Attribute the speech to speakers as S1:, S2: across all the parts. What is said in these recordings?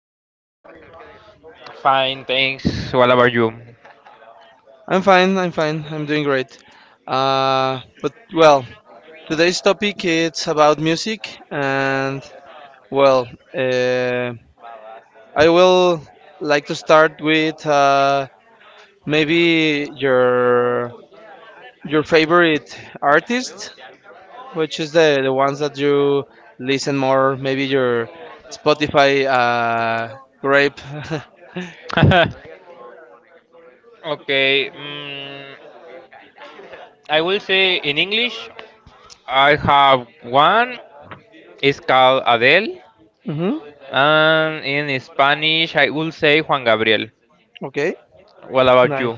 S1: How are you?
S2: Fine, thanks. What about you?
S1: I'm fine. I'm doing great. Uh, but well, Today's topic it's about music, and well, uh, I will like to start with maybe your favorite artist, which is the ones that you listen more, maybe your Spotify grape.
S2: Okay, mm, I will say in English, I have one. It's called Adele,
S1: hmm
S2: and in Spanish, I will say Juan Gabriel.
S1: Okay.
S2: What about
S1: Nice.
S2: you?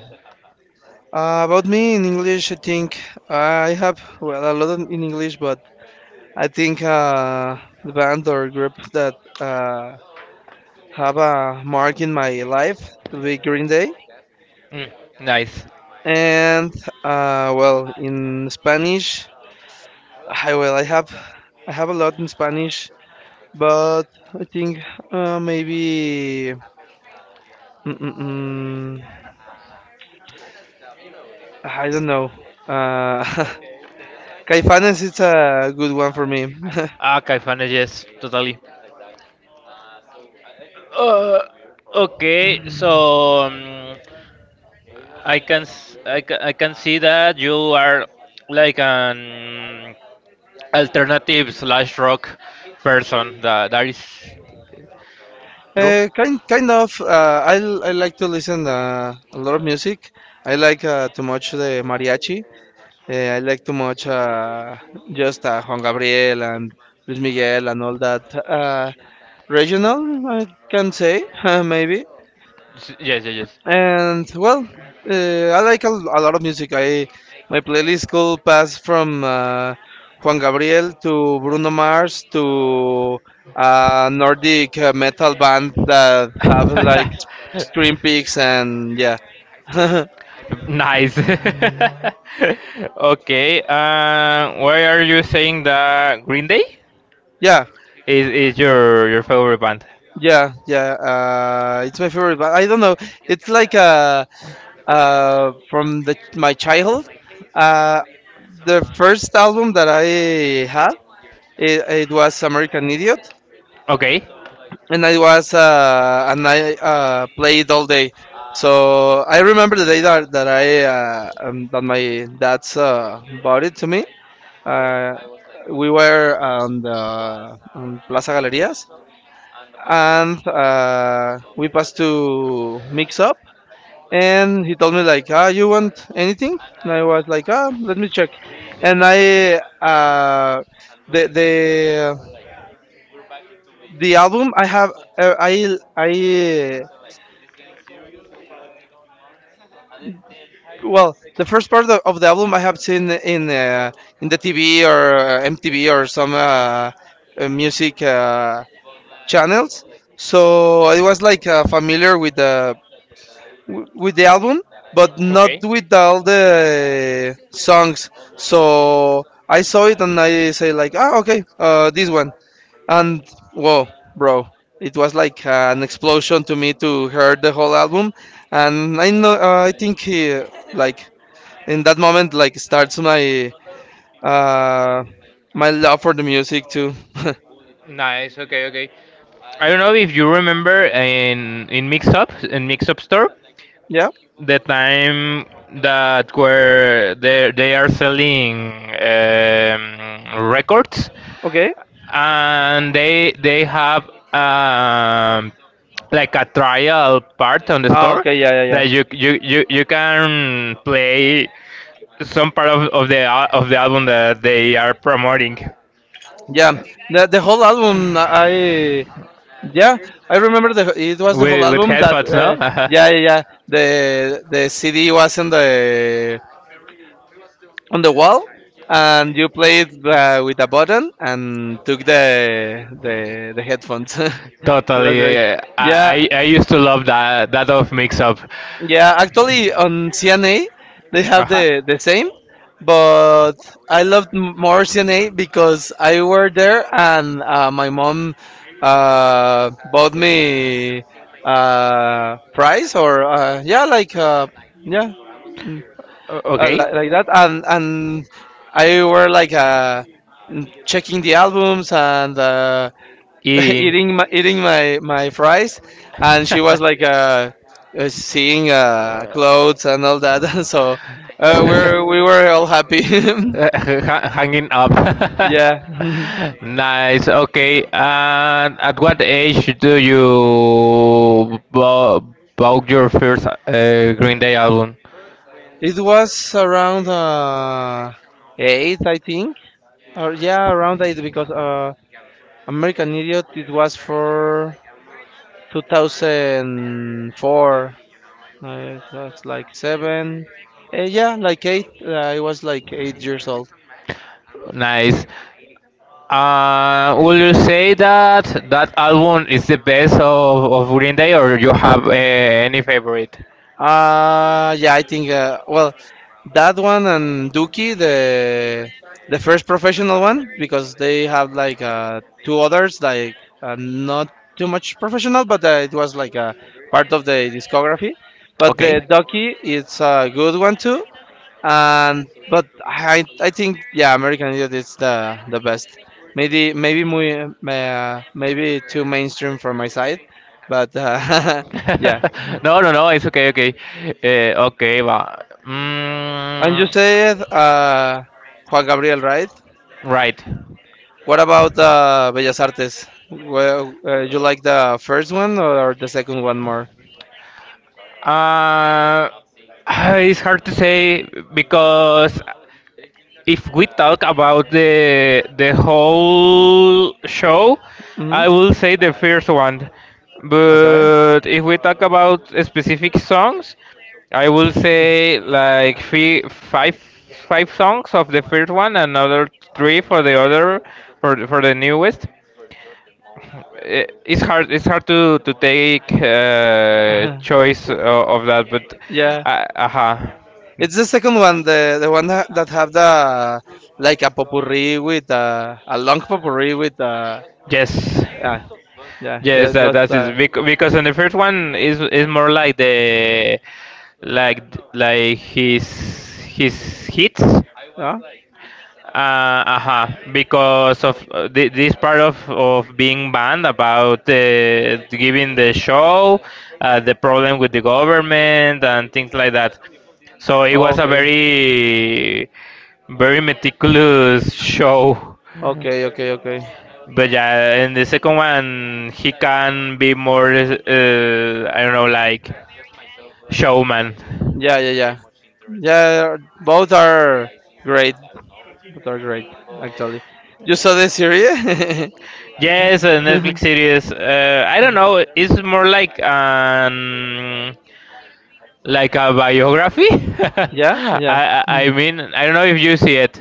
S1: About me in English, I think uh, I have well a lot in English, but I think the band or group that have a mark in my life will be Green Day,
S2: Mm, nice.
S1: and in Spanish, I have a lot in Spanish, but I think maybe mm, mm, mm, I don't know. Uh, Caifanes is a good one for me.
S2: Ah, Caifanes, yes, totally. Uh, okay, so I can s- I, ca- I can see that you are like an alternative slash rock person. That is true.
S1: Kind of. I like to listen a lot of music. I like too much the mariachi. I like too much just Juan Gabriel and Luis Miguel and all that regional. I can say maybe.
S2: Yes, yes, yes.
S1: And well, uh, I like a lot of music. I my playlist could pass from Juan Gabriel to Bruno Mars to a Nordic metal band that have like Scream Peaks and yeah.
S2: Nice. Okay. Why are you saying that Green Day
S1: yeah.
S2: is
S1: Yeah.
S2: your favorite band?
S1: Yeah, yeah. It's my favorite, but I don't know. It's like from the my childhood. Uh, the first album that I had, it was American Idiot,
S2: Okay.
S1: and I was and I played all day. So I remember the day that I that my dad's bought it to me. Uh, we were on the on Plaza Galerías, and we passed to Mix Up, and he told me like, "Ah, you want anything?" And I was like, "Ah, let me check." And I the the the album I have I well the first part of the album I have seen in the TV or MTV or some music channels, so I was like familiar with with the album but not
S2: Okay.
S1: with all the songs. So I saw it and I say like, "Ah, okay, this one." And whoa, bro, it was like an explosion to me to hear the whole album. And I know I think like in that moment like starts my uh my love for the music too.
S2: Nice. Okay. Okay. I don't know if you remember in Mixup store,
S1: yeah.
S2: the time that where they are selling records,
S1: Okay.
S2: and they have um, like a trial part on the
S1: Ah,
S2: store
S1: okay, yeah, yeah.
S2: that you can play some part of of the album that they are promoting
S1: Yeah, the whole album. Yeah, I remember the it was the whole
S2: with
S1: album that
S2: headphones, no? Uh-huh.
S1: yeah, yeah, yeah. The CD was on the wall, and you played with a button and took the headphones. That's
S2: Totally. Yeah,
S1: right.
S2: yeah, yeah.
S1: Yeah.
S2: I used to love that of Mix Up.
S1: Yeah, actually on CNA they have
S2: Uh-huh.
S1: the same, but I loved more CNA because I were there and my mom bought me prize or yeah like yeah mm,
S2: Okay.
S1: like that, and I were like checking the albums and.
S2: Eating.
S1: Eating my, my fries, and she was like seeing clothes and all that. So we were all happy.
S2: Hanging up.
S1: yeah,
S2: Nice. Okay. And at what age do you bought your first Green Day album?
S1: It was around eight, I think, or yeah, around eight because American Idiot it was for 2004. It was like seven. Yeah, like eight. I was like 8 years old.
S2: Nice. Would you say that that album is the best of Green Day, or you have any favorite?
S1: Yeah, I think. That one and Dookie, the first professional one, because they have like two others, like not too much professional, but it was like a part of the discography. But
S2: Okay.
S1: the Ducky, it's a good one too. And but I think yeah, American Idiot is the best. Maybe muy, maybe too mainstream from my side, but yeah.
S2: No, no, no. It's okay. Okay. Okay. But,
S1: And you
S2: mm,
S1: said Juan Gabriel, right?
S2: right.
S1: What about Bellas Artes? Well, you like the first one or the second one more?
S2: Uh, it's hard to say because if we talk about the whole show,
S1: Hmm
S2: I will say the first one.
S1: Okay.
S2: But if we talk about specific songs, I will say like three, five, five songs of the first one, another three for the other for the newest. It's hard, it's hard to take choice of that but
S1: Yeah,
S2: uh, uh
S1: it's the second one, the one that have the like a potpourri with a long potpourri with
S2: yes,
S1: yeah, yeah,
S2: yes,
S1: it
S2: that
S1: was
S2: that is bec- because in the first one is more like the like like his hits.
S1: huh?
S2: Uh-huh. Because of this part of being banned about giving the show, the problem with the government and things like that. So it
S1: Oh,
S2: was a
S1: okay,
S2: very, very meticulous show.
S1: okay, okay, okay.
S2: But yeah, in the second one, he can be more, I don't know, like showman.
S1: Yeah, yeah, yeah, yeah. Both are great, both are great, actually. You saw the series?
S2: Yes, a Netflix series. I don't know. It's more like like a biography. I,
S1: Yeah, yeah.
S2: I I mean, I don't know if you see it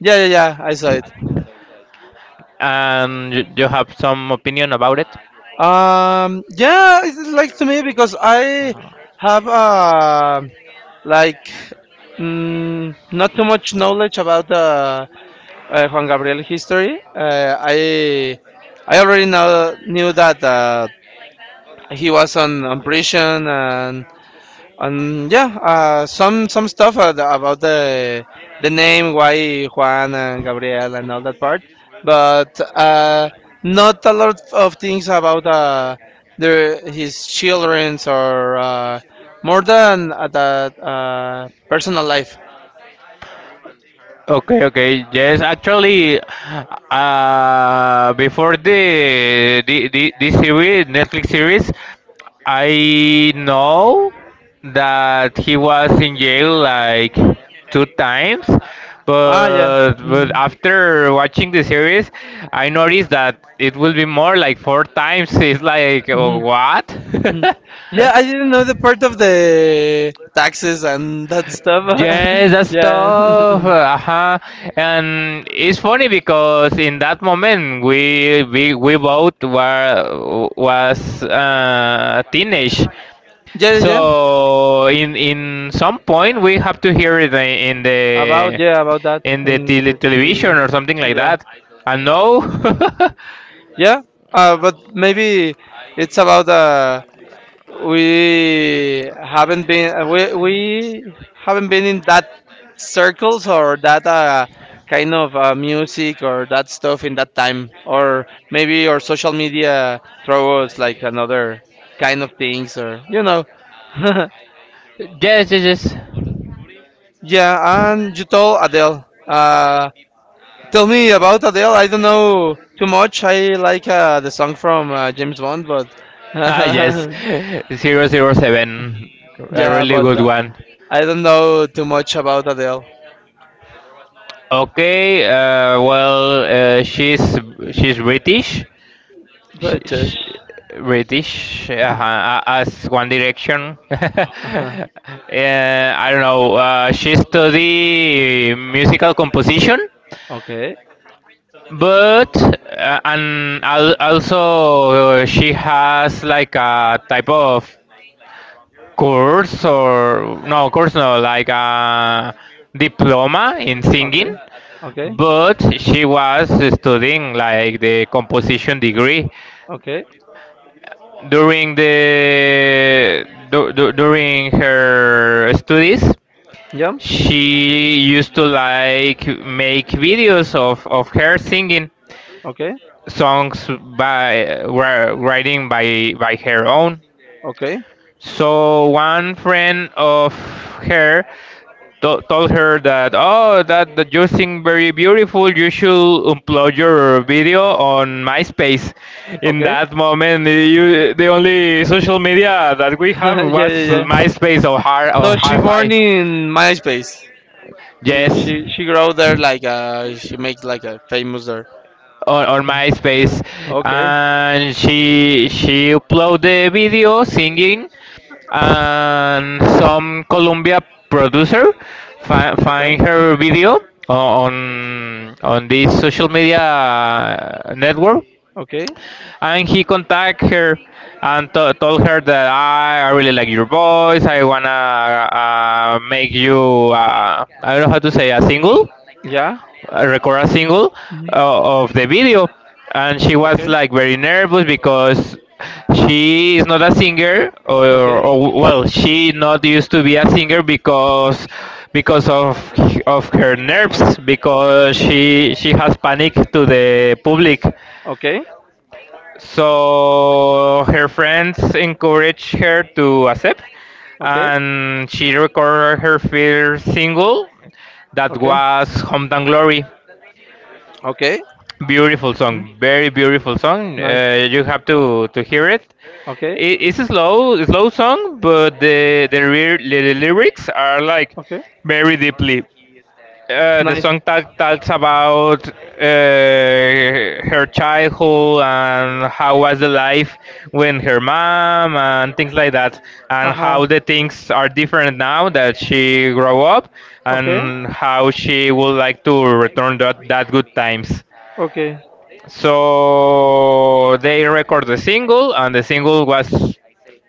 S1: Yeah, yeah, yeah. I saw it.
S2: and you have some opinion about it.
S1: Yeah, it's like to me because I
S2: Uh,
S1: have like not too much knowledge about the Juan Gabriel history. I already know knew that he was on prison and yeah, some stuff about the name, why Juan and Gabriel and all that part, but not a lot of things about their his childrens or more than that personal life.
S2: Okay, okay. Yes, actually, before the series, Netflix series, I know that he was in jail like 2 times,
S1: Ah, yeah.
S2: but
S1: Mhm,
S2: after watching the series, I noticed that it will be more like 4 times. It's like, oh,
S1: mhm,
S2: what?
S1: mhm. Yeah, I didn't know the part of the taxes and that stuff.
S2: Yes, that
S1: yeah.
S2: stuff. Uh-huh. And it's funny because in that moment we both were was teenage.
S1: Yeah, yeah, yeah.
S2: So in some point we have to hear it in
S1: About
S2: the
S1: yeah, about that
S2: in the
S1: in
S2: tele
S1: the TV.
S2: television or something like
S1: Yeah,
S2: that. And no.
S1: yeah. But maybe it's about we haven't been in that circles or that kind of music or that stuff in that time. Or maybe our social media throw us like another kind of things or you know.
S2: Yes, yes, yes.
S1: Yeah, and you told Adele. Uh, Tell me about Adele. I don't know too much. I like the song from James Bond, but
S2: Ah, yes, 007, a
S1: yeah,
S2: really
S1: but
S2: good one.
S1: I don't know too much about Adele.
S2: Okay, well, she's British, sh
S1: British.
S2: sh British, as One Direction.
S1: Uh-huh.
S2: Yeah, I don't know. She study musical composition,
S1: Okay.
S2: but and al also uh, she has like a type of course or no course no like a diploma in
S1: Okay.
S2: singing,
S1: Okay.
S2: but she was studying like the composition degree
S1: Okay.
S2: during during her studies.
S1: Yeah.
S2: She used to like make videos of her singing
S1: Okay.
S2: songs by writing by her own.
S1: Okay.
S2: So one friend of her told her that, oh, that, that you sing very beautiful. You should upload your video on MySpace. In
S1: Okay.
S2: that moment, you, the only social media that we have
S1: yeah, yeah,
S2: was
S1: yeah.
S2: MySpace or Hi
S1: So
S2: or
S1: she born
S2: Hi-Fi.
S1: in MySpace.
S2: Yes.
S1: She grow there like she make like a famous there.
S2: On MySpace,
S1: Okay.
S2: and she uploaded the video singing, and some Colombia producer
S1: Okay.
S2: find her video on this social media network,
S1: Okay.
S2: and he contact her and to told her that I really like your voice. I wanna make you I don't know how to say, a single
S1: Yeah.
S2: record a single
S1: Mhm.
S2: of the video. And she was
S1: Okay.
S2: like very nervous because she is not a singer,
S1: Okay.
S2: or well she not used to be a singer because of her nerves because she has panic to the public,
S1: Okay.
S2: so her friends encourage her to accept,
S1: Okay.
S2: and she recorded her first single, that
S1: Okay.
S2: was Hometown Glory.
S1: Okay.
S2: Beautiful
S1: Hmm?
S2: song, very beautiful song.
S1: Nice.
S2: You have to hear it.
S1: Okay.
S2: It's a slow slow song, but the lyrics are like
S1: Okay.
S2: very deeply.
S1: Nice.
S2: Talks about her childhood and how was the life when her mom and things like that, and how
S1: Aha.
S2: the things are different now that she grow up,
S1: Okay.
S2: and how she would like to return that, that good times.
S1: Okay.
S2: So they record the single, and the single was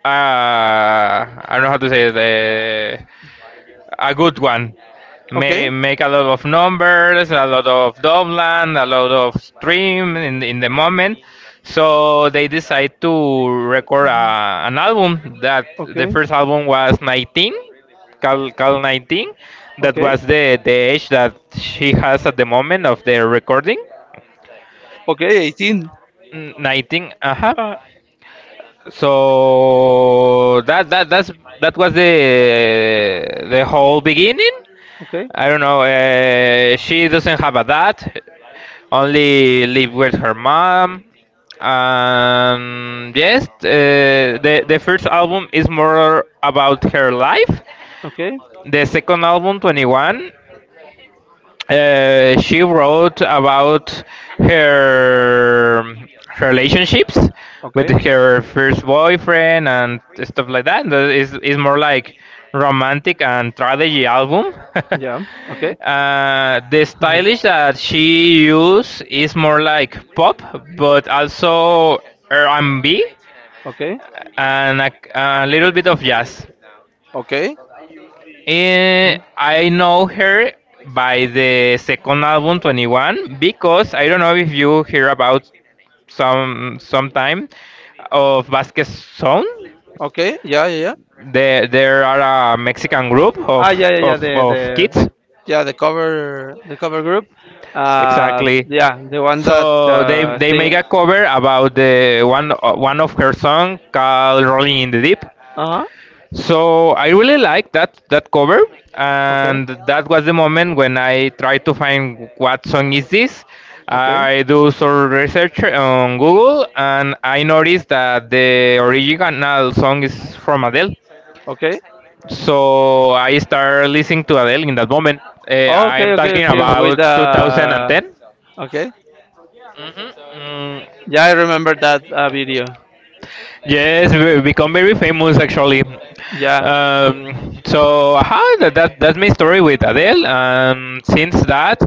S2: I don't know how to say it, a good one.
S1: Okay.
S2: May make a lot of numbers, a lot of downland, a lot of stream in the moment. So they decide to record a, an album. That the
S1: Okay.
S2: first album was 19, Cal 19. That
S1: Okay.
S2: was the age that she has at the moment of the recording.
S1: Okay. 18.
S2: 19, uh-huh.
S1: Uh,
S2: So that's that was the whole beginning.
S1: okay.
S2: I don't know, she doesn't have a dad, only live with her mom. Um, yes, the first album is more about her life.
S1: Okay.
S2: The second album, 21, she wrote about her relationships with
S1: Okay.
S2: her first boyfriend and stuff like that. That is more like romantic and tragedy album.
S1: Yeah. Okay.
S2: Uh, the stylish that she used is more like pop, but also R&B and B
S1: okay.
S2: and a little bit of jazz.
S1: Okay. Hmm?
S2: Eh, I know her by the second album, 21, because I don't know if you hear about some sometime of Vasquez Zone.
S1: Okay. Yeah.
S2: There are a Mexican group
S1: Ah, yeah, yeah, yeah. The the
S2: of
S1: the
S2: kids.
S1: Yeah. The cover. The cover group.
S2: Exactly.
S1: Yeah, the one that
S2: So they they make
S1: sings.
S2: a cover about the one one of her song called Rolling in the Deep.
S1: Uh huh.
S2: So I really like that cover,
S1: Okay.
S2: and that was the moment when I tried to find what song is this.
S1: Okay.
S2: I do some research on Google, and I noticed that the original song is from Adele.
S1: Okay.
S2: So I started listening to Adele in that moment. I am talking
S1: Okay. With
S2: about
S1: the
S2: 2010.
S1: Okay.
S2: Mhm. Mm,
S1: Yeah, I remember that video.
S2: yes, we become very famous actually.
S1: Yeah.
S2: So aha, that that's my story with Adele, and since that,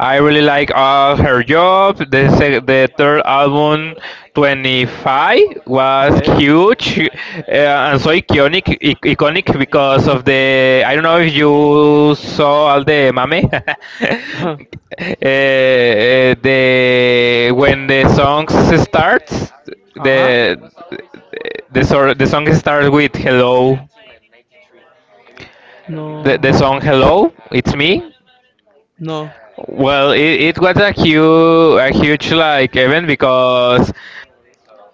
S2: I really like all her jobs. The third album, 25, was
S1: Okay.
S2: huge and so iconic, iconic because of the. I don't know if you saw all the mame. The when the song starts,
S1: uh-huh.
S2: the the song starts with "Hello,"
S1: No.
S2: the song "Hello, It's Me."
S1: No.
S2: Well, it was a huge like event because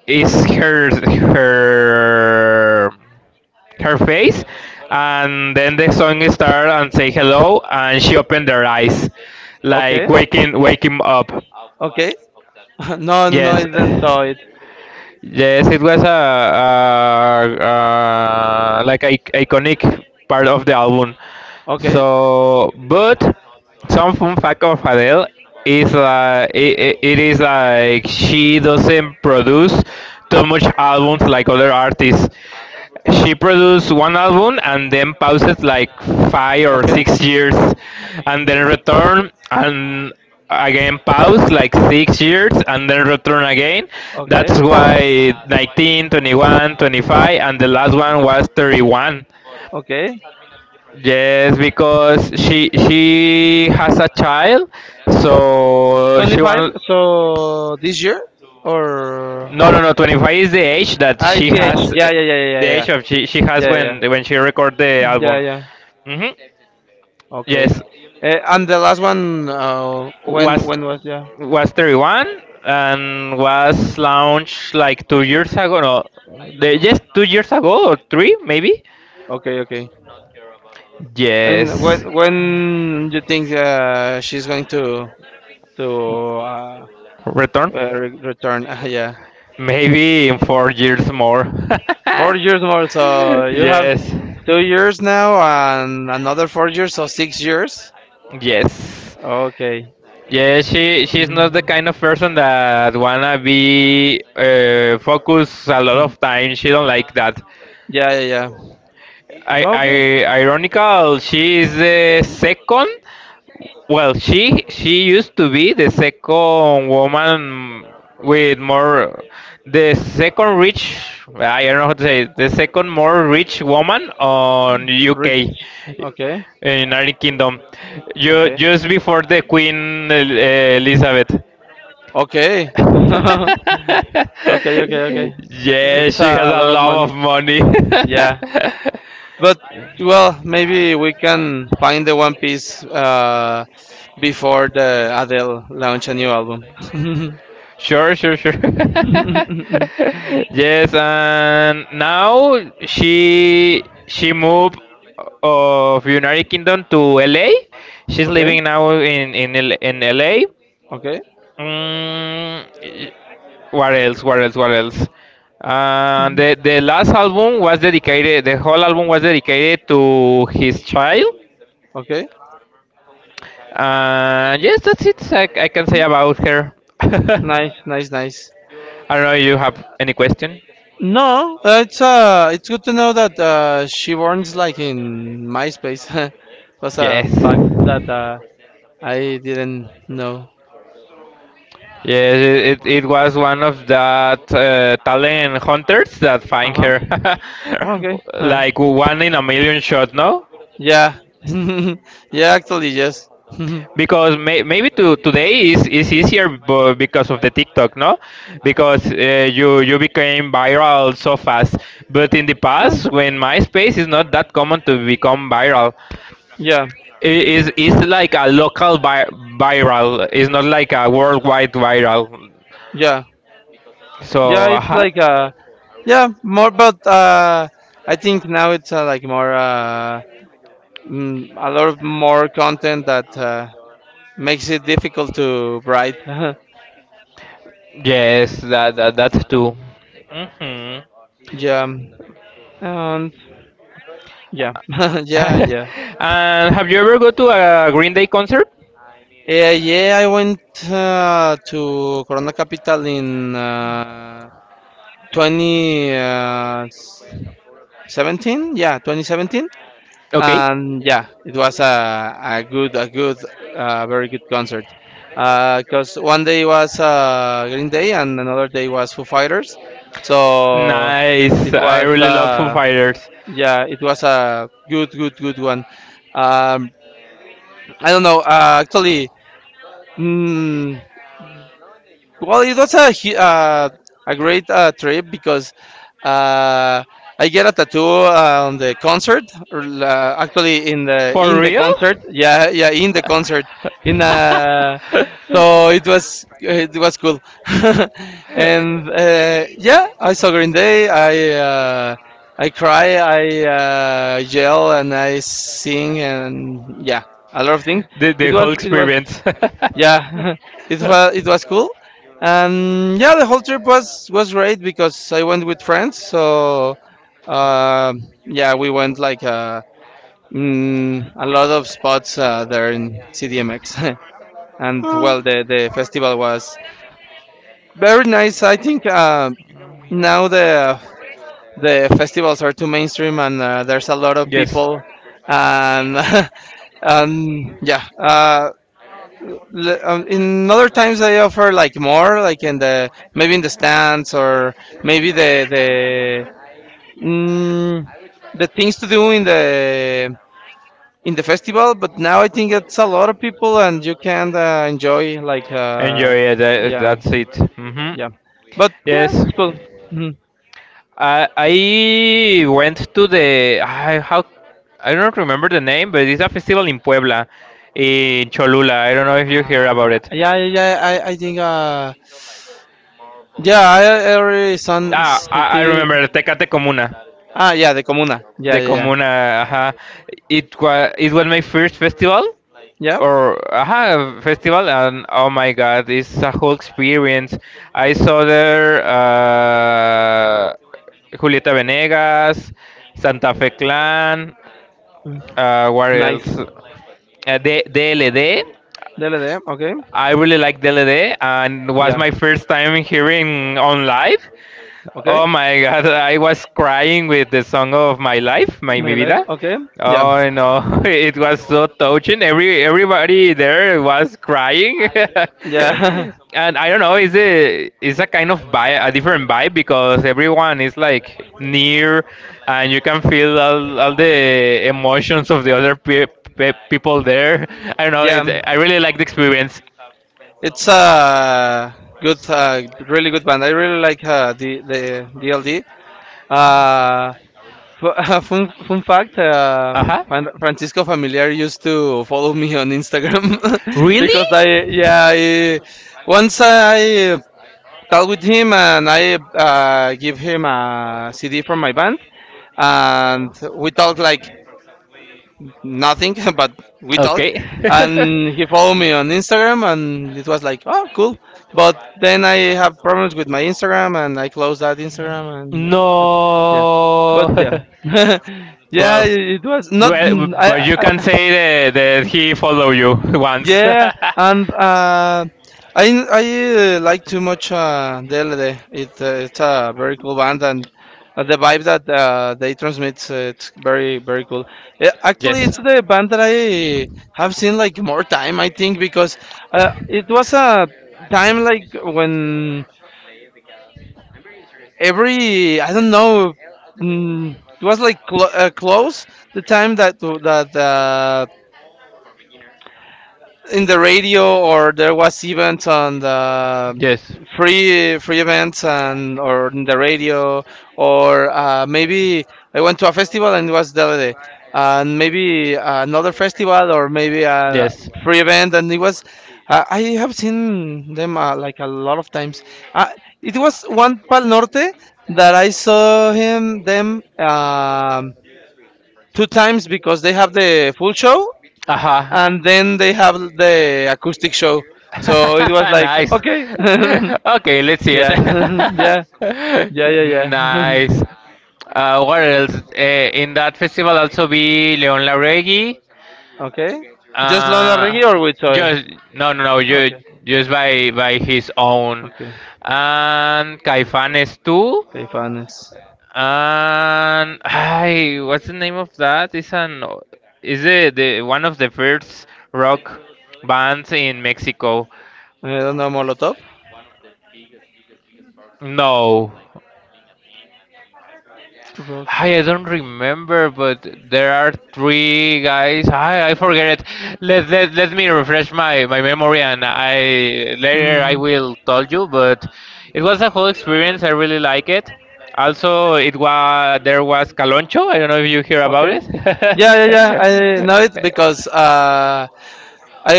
S2: it's her her face, and then the song starts and say hello, and she opened her eyes, like
S1: Okay.
S2: waking waking up.
S1: Okay. No, no,
S2: Yes.
S1: I didn't saw it.
S2: Yes, it was a like a, iconic part of the album.
S1: Okay.
S2: So, but some fun fact of Adele is like it is like she doesn't produce too much albums like other artists. She produced one album and then paused like five or
S1: Okay.
S2: six years, and then returned and again paused like 6 years and then return again.
S1: Okay.
S2: That's why 19, 21, 25, and the last one was 31.
S1: Okay.
S2: Yes, because she has a child, so she
S1: 25.
S2: want.
S1: So this year or
S2: No, no, no. 25 is the age that she
S1: IGH.
S2: has,
S1: Yeah,
S2: the age of she has
S1: Yeah, yeah.
S2: when she record the
S1: Yeah, yeah.
S2: album.
S1: yeah.
S2: Hmm.
S1: Okay.
S2: Yes,
S1: And the last one
S2: was
S1: when was yeah?
S2: was 31 and was launched like 2 years ago. No, the, yes, 2 years ago or 3 maybe.
S1: Okay, okay. And
S2: Yes,
S1: when you think she's going to uh,
S2: return.
S1: return. Yeah,
S2: Maybe in 4 years more.
S1: 4 years more. So you have
S2: Yes,
S1: 2 years now and another 4 years, so 6 years.
S2: yes.
S1: Okay.
S2: Yeah, she's not the
S1: Mm.
S2: kind of person that wanna be focus a lot of time. She don't like that.
S1: Yeah, yeah, yeah.
S2: I
S1: Okay.
S2: ironical. She is the second. Well, she used to be the second woman with more, the second rich. I don't know how to say it, the second more rich woman on UK,
S1: Rich. Okay.
S2: in United Kingdom,
S1: Okay.
S2: just before the Queen Elizabeth.
S1: Okay. okay.
S2: Yeah,
S1: It's
S2: she has
S1: a
S2: a
S1: lot of
S2: lot
S1: money.
S2: of money.
S1: Yeah, but well, maybe we can find the One Piece before the Adele launch a new album.
S2: Sure, sure, sure. Yes, and now she moved of United Kingdom to LA. She's
S1: okay.
S2: living now in in LA.
S1: Okay.
S2: Mm, eh, what else? What else? What else?
S1: Mhm.
S2: The last album was dedicated. The whole album was dedicated to his child.
S1: Okay.
S2: Yes, that's it. I can say about her. I
S1: Nice.
S2: don't know. You have any question?
S1: No, it's good to know that she warns like in MySpace. was a
S2: Yes.
S1: fact that I didn't know.
S2: Yes, it was one of that talent hunters that find
S1: Uh huh.
S2: her.
S1: Okay. Huh.
S2: Like one in a million shot, no?
S1: yeah. yeah. Actually, yes.
S2: Because may, maybe to today is easier because of the TikTok, no? Because you became viral so fast. But in the
S1: Huh.
S2: past, when MySpace is not that common to become viral,
S1: yeah.
S2: it's like a local viral. It's not like a worldwide viral.
S1: Yeah. Yeah.
S2: So,
S1: It's like yeah, more, but I think now it's like more a lot of more content that makes it difficult to write.
S2: yes, that's true. Hmm.
S1: yeah, and yeah, yeah.
S2: And have you ever go to a Green Day concert?
S1: Yeah, yeah. I went to Corona Capital in 2017. Yeah, 2017,
S2: Okay.
S1: and yeah, it was a, a good, very good concert. Because one day was Green Day and another day was Foo Fighters, so
S2: Nice.
S1: it
S2: I
S1: was.
S2: really love Foo Fighters.
S1: Yeah, it was a good, good one. Um, I don't know. Actually, mm, it was a great trip because uh, I get a tattoo on the concert, or, actually
S2: For
S1: in the
S2: real?
S1: concert. Yeah, in the concert. In So it was
S2: I
S1: cool.
S2: to.
S1: And yeah, I saw Green Day. Uh, I cry, I yell, and I sing, and yeah, a lot of things.
S2: The
S1: It was
S2: whole
S1: it was
S2: experience.
S1: yeah. It was cool. And yeah, the whole trip was great because I went with friends. So yeah, we went like a lot of spots there in cdmx. And well the festival was very nice. I think now the festivals are too mainstream and there's a lot of
S2: Yes, you are
S1: people
S2: not.
S1: and and yeah, in other times they offer like more like in the maybe in the stands or maybe mm, the things to do in the festival. But now I think it's a lot of people and you can enjoy like
S2: Enjoy it.
S1: yeah
S2: That's it. Mhm.
S1: yeah, but yeah,
S2: Yes.
S1: it's cool. Mhm.
S2: I went to the, I don't remember the name, but it's a festival in Puebla, in Cholula. I don't know if you hear about it.
S1: Yeah, yeah, yeah. I think. Yeah, I already son
S2: Ah, I
S1: see.
S2: remember Tecate Comuna,
S1: Ah, yeah, the comuna. Yeah,
S2: the
S1: yeah, yeah.
S2: Comuna. Ajá. It was my first festival,
S1: Yeah,
S2: or aha festival, and oh my God, it's a whole experience. I saw there Julieta Venegas, Santa Fe Clan. What
S1: nice.
S2: else? De DLD.
S1: Dele, de. Okay.
S2: I really like DLD, and was
S1: Yeah.
S2: my first time hearing on live.
S1: Okay.
S2: Oh my God, I was crying with the song of my life, my Mi
S1: My life,
S2: Vida.
S1: okay, yeah,
S2: Oh no, it was so touching. Everybody there was crying,
S1: yeah,
S2: and I don't know. Is it is a kind of vibe, a different vibe because everyone is like near, and you can feel all the emotions of the other people there. I don't know.
S1: yeah.
S2: It's, I really like the experience.
S1: It's a good, really good band. I really like the DLD. Uh, fun fact:
S2: Uh huh.
S1: Francisco Familiar used to follow me on Instagram
S2: Really?
S1: because once I talked with him and I give him a CD from my band, and we talked like nothing, but we talked.
S2: Okay.
S1: And he followed me on Instagram, and it was like, oh, cool. But then I have problems with my Instagram, and I closed that Instagram, and
S2: No.
S1: yeah, yeah, yeah.
S2: Well,
S1: It was not.
S2: well, but
S1: I,
S2: you can
S1: I
S2: say that, that he follow you once.
S1: yeah, and I like too much DLD. It's a very cool band, and the vibe that they transmit it's very cool. Yeah, actually, it's the band that I have seen like more time, I think, because it was a time like when every I don't know, mm, it was like close the time that in the radio or there was events on the free events and or in the radio or maybe I went to a festival and it was the other day and maybe another festival or maybe a free event and it was I have seen them like a lot of times. Uh, it was one Pal Norte that I saw him them two times because they have the full show
S2: Uh-huh.
S1: and then they have the acoustic show. So it was like,
S2: Nice.
S1: okay,
S2: Okay, let's see it.
S1: yeah, yeah, yeah, yeah, yeah.
S2: Nice. What else? In that festival also be Leon Larregui.
S1: Okay, just Lana Reggae or
S2: Uh,
S1: with soy?
S2: just No, no, no.
S1: Okay,
S2: Just by his own,
S1: okay,
S2: and Caifanes too.
S1: Caifanes.
S2: And hi, what's the name of that? It's an, is it the one of the first rock bands in Mexico?
S1: I don't know Molotov.
S2: No.
S1: Rock.
S2: Hi, I don't remember, but there are three guys. I forget it. Let me refresh my, my memory, and I later I
S1: Hmm.
S2: will tell you. But it was a whole experience. I really like it. Also, it was there was Caloncho. I don't know if you hear about
S1: Okay.
S2: it.
S1: Yeah, yeah, yeah. I know it because I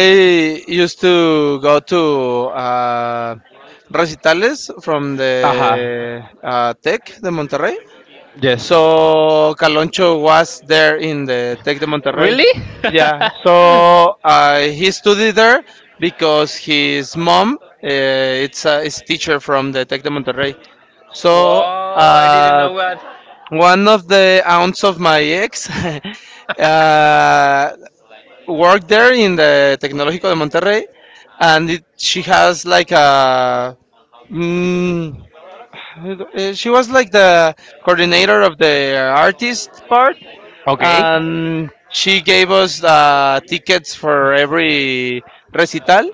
S1: used to go to uh, recitales from
S2: Aha.
S1: the Tech de Monterrey.
S2: Yes.
S1: So Caloncho was there in the Tec de Monterrey.
S2: Really?
S1: Yeah, so he studied there because his mom it's a is teacher from the Tec de Monterrey. So
S2: Whoa, I didn't
S1: uh,
S2: know that.
S1: one of the aunts of my ex uh, worked there in the Tecnológico de Monterrey, and it, she has like a. Mm, she was like the coordinator of the artist part
S2: Okay.
S1: and she gave us tickets for every recital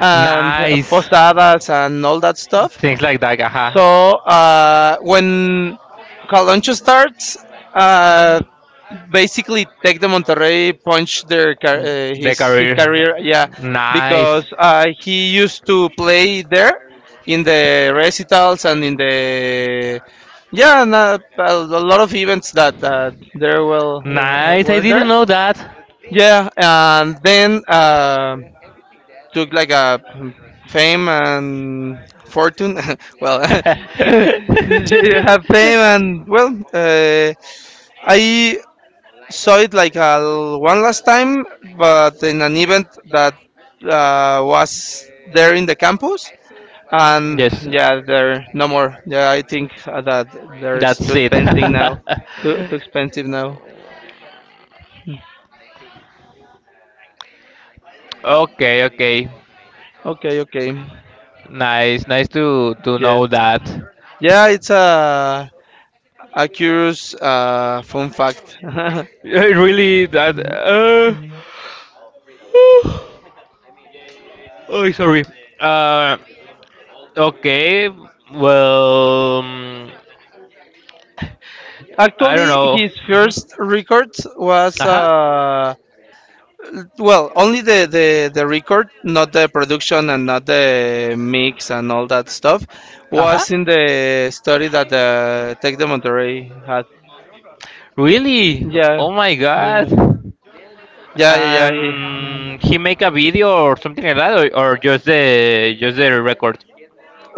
S1: and
S2: Nice.
S1: posadas and all that stuff.
S2: Things like that.
S1: So
S2: Aha.
S1: when Caloncho starts, uh, basically Tec de Monterrey punched their
S2: The
S1: his
S2: career.
S1: career, yeah,
S2: Nice.
S1: because he used to play there in the recitals and in the yeah and, a lot of events that there will
S2: Nice. I
S1: were
S2: didn't
S1: there
S2: know that.
S1: yeah, and then took like a fame and fortune. Well, you have fame and well, I saw it like one last time, but in an event that was there in the campus. And
S2: Yes.
S1: yeah, there no more. Yeah, I think that there's too
S2: That's it.
S1: expensive now. Too expensive now.
S2: Okay, okay.
S1: Okay, okay.
S2: Nice, nice to
S1: Yes.
S2: know that.
S1: Yeah, it's a A curious fun fact.
S2: Eh, really, that. Oh, sorry. Uh, okay. Well, I don't
S1: Actually,
S2: know.
S1: his
S2: Hmm.
S1: first record was
S2: Uh huh.
S1: well, only the record, not the production and not the mix and all that stuff,
S2: Uh huh.
S1: was in the study that Tech de Monterrey had.
S2: Really?
S1: Yeah,
S2: Oh my God.
S1: yeah, yeah, yeah, yeah
S2: And
S1: he,
S2: he make a video or something like that, or just the record.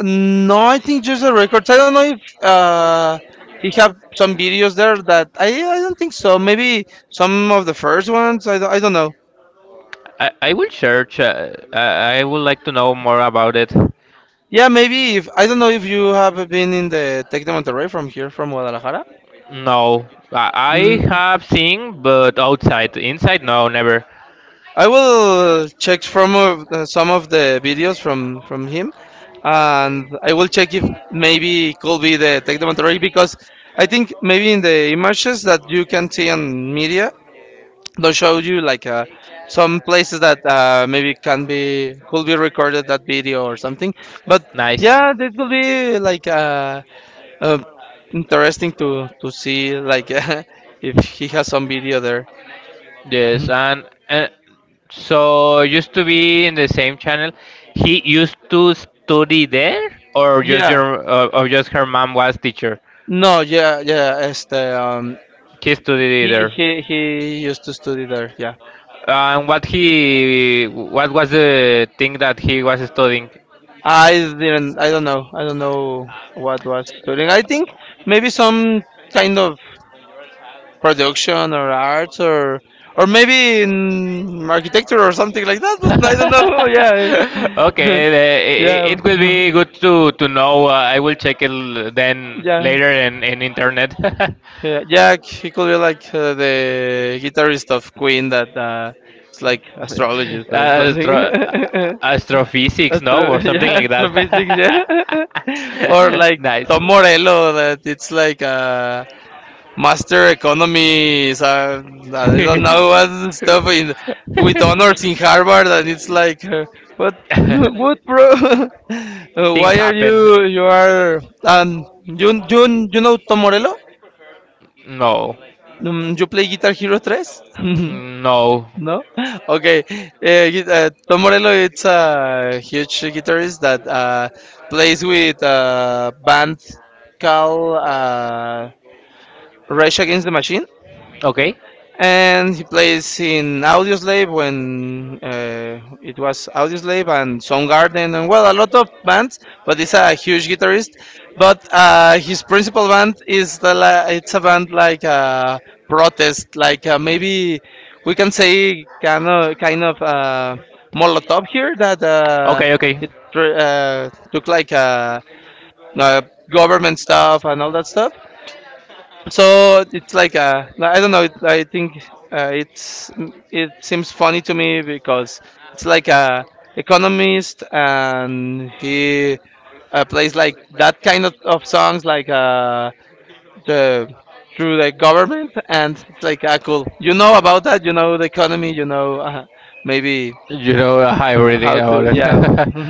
S1: no, I think just the records. I don't know if he have some videos there that I don't think so. Maybe some of the first ones. I don't know.
S2: I will search. I would like to know more about it.
S1: Yeah, maybe if I don't know if you have been in the Tec de Monterrey from here from Guadalajara.
S2: No, I
S1: Mm,
S2: have seen, but outside, inside, no, never.
S1: I will check from some of the videos from him, and I will check if maybe it could be the Tec de Monterrey because I think maybe in the images that you can see on media, they show you like some places that maybe can be could be recorded that video or something. But
S2: Nice.
S1: yeah, this will be like. Uh, Interesting to see like if he has some video there.
S2: Yes,
S1: Mhm.
S2: and so used to be in the same channel. He used to study there, or just
S1: Yeah.
S2: your, or just her mom was teacher.
S1: No, yeah, yeah. Este,
S2: He studied
S1: he
S2: there.
S1: he he used to study there. Yeah,
S2: And what he, what was the thing that he was studying?
S1: I didn't. I don't know. I don't know what was studying. I think maybe some kind of production or arts or maybe in architecture or something like that. But I don't
S2: Okay,
S1: know.
S2: it,
S1: Yeah,
S2: it will be
S1: yeah,
S2: good to know. I will check it then
S1: yeah.
S2: later in internet.
S1: Yeah, Jack, he could be like the guitarist of Queen that it's like astrologist or something.
S2: Astro, astrophysics,
S1: Astro,
S2: no, or
S1: yeah,
S2: something like
S1: astrophysics,
S2: that.
S1: yeah. Or like
S2: Nice.
S1: Tom Morello that it's like a master economy. I don't know what stuff in with honors in Harvard, and it's like, but what, bro?
S2: Things
S1: Why are
S2: happen.
S1: you you are you know Tom Morello?
S2: No.
S1: You play Guitar Hero 3?
S2: No.
S1: No? Okay. Tom Morello it's a huge guitarist that plays with a band called Rage Against the Machine.
S2: Okay.
S1: And he plays in Audioslave when it was Audioslave and Soundgarden and well a lot of bands. But he's a huge guitarist. But his principal band is the it's a band like a protest, like maybe we can say kind of Molotov here that
S2: Okay.
S1: took like uh, government stuff and all that stuff so it's like I don't know. It, I think it's it seems funny to me because it's like a economist and he plays like that kind of songs like the through the government and it's like ah cool. You know about that? You know the economy? You know maybe
S2: You know, I'm reading
S1: how to
S2: about
S1: yeah.
S2: it.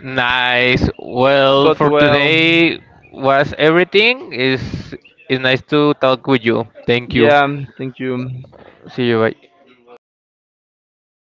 S2: Nice. Well,
S1: But
S2: for
S1: well
S2: today was everything. Is it's nice to talk with you. Thank you.
S1: yeah. Thank you.
S2: See you. Bye.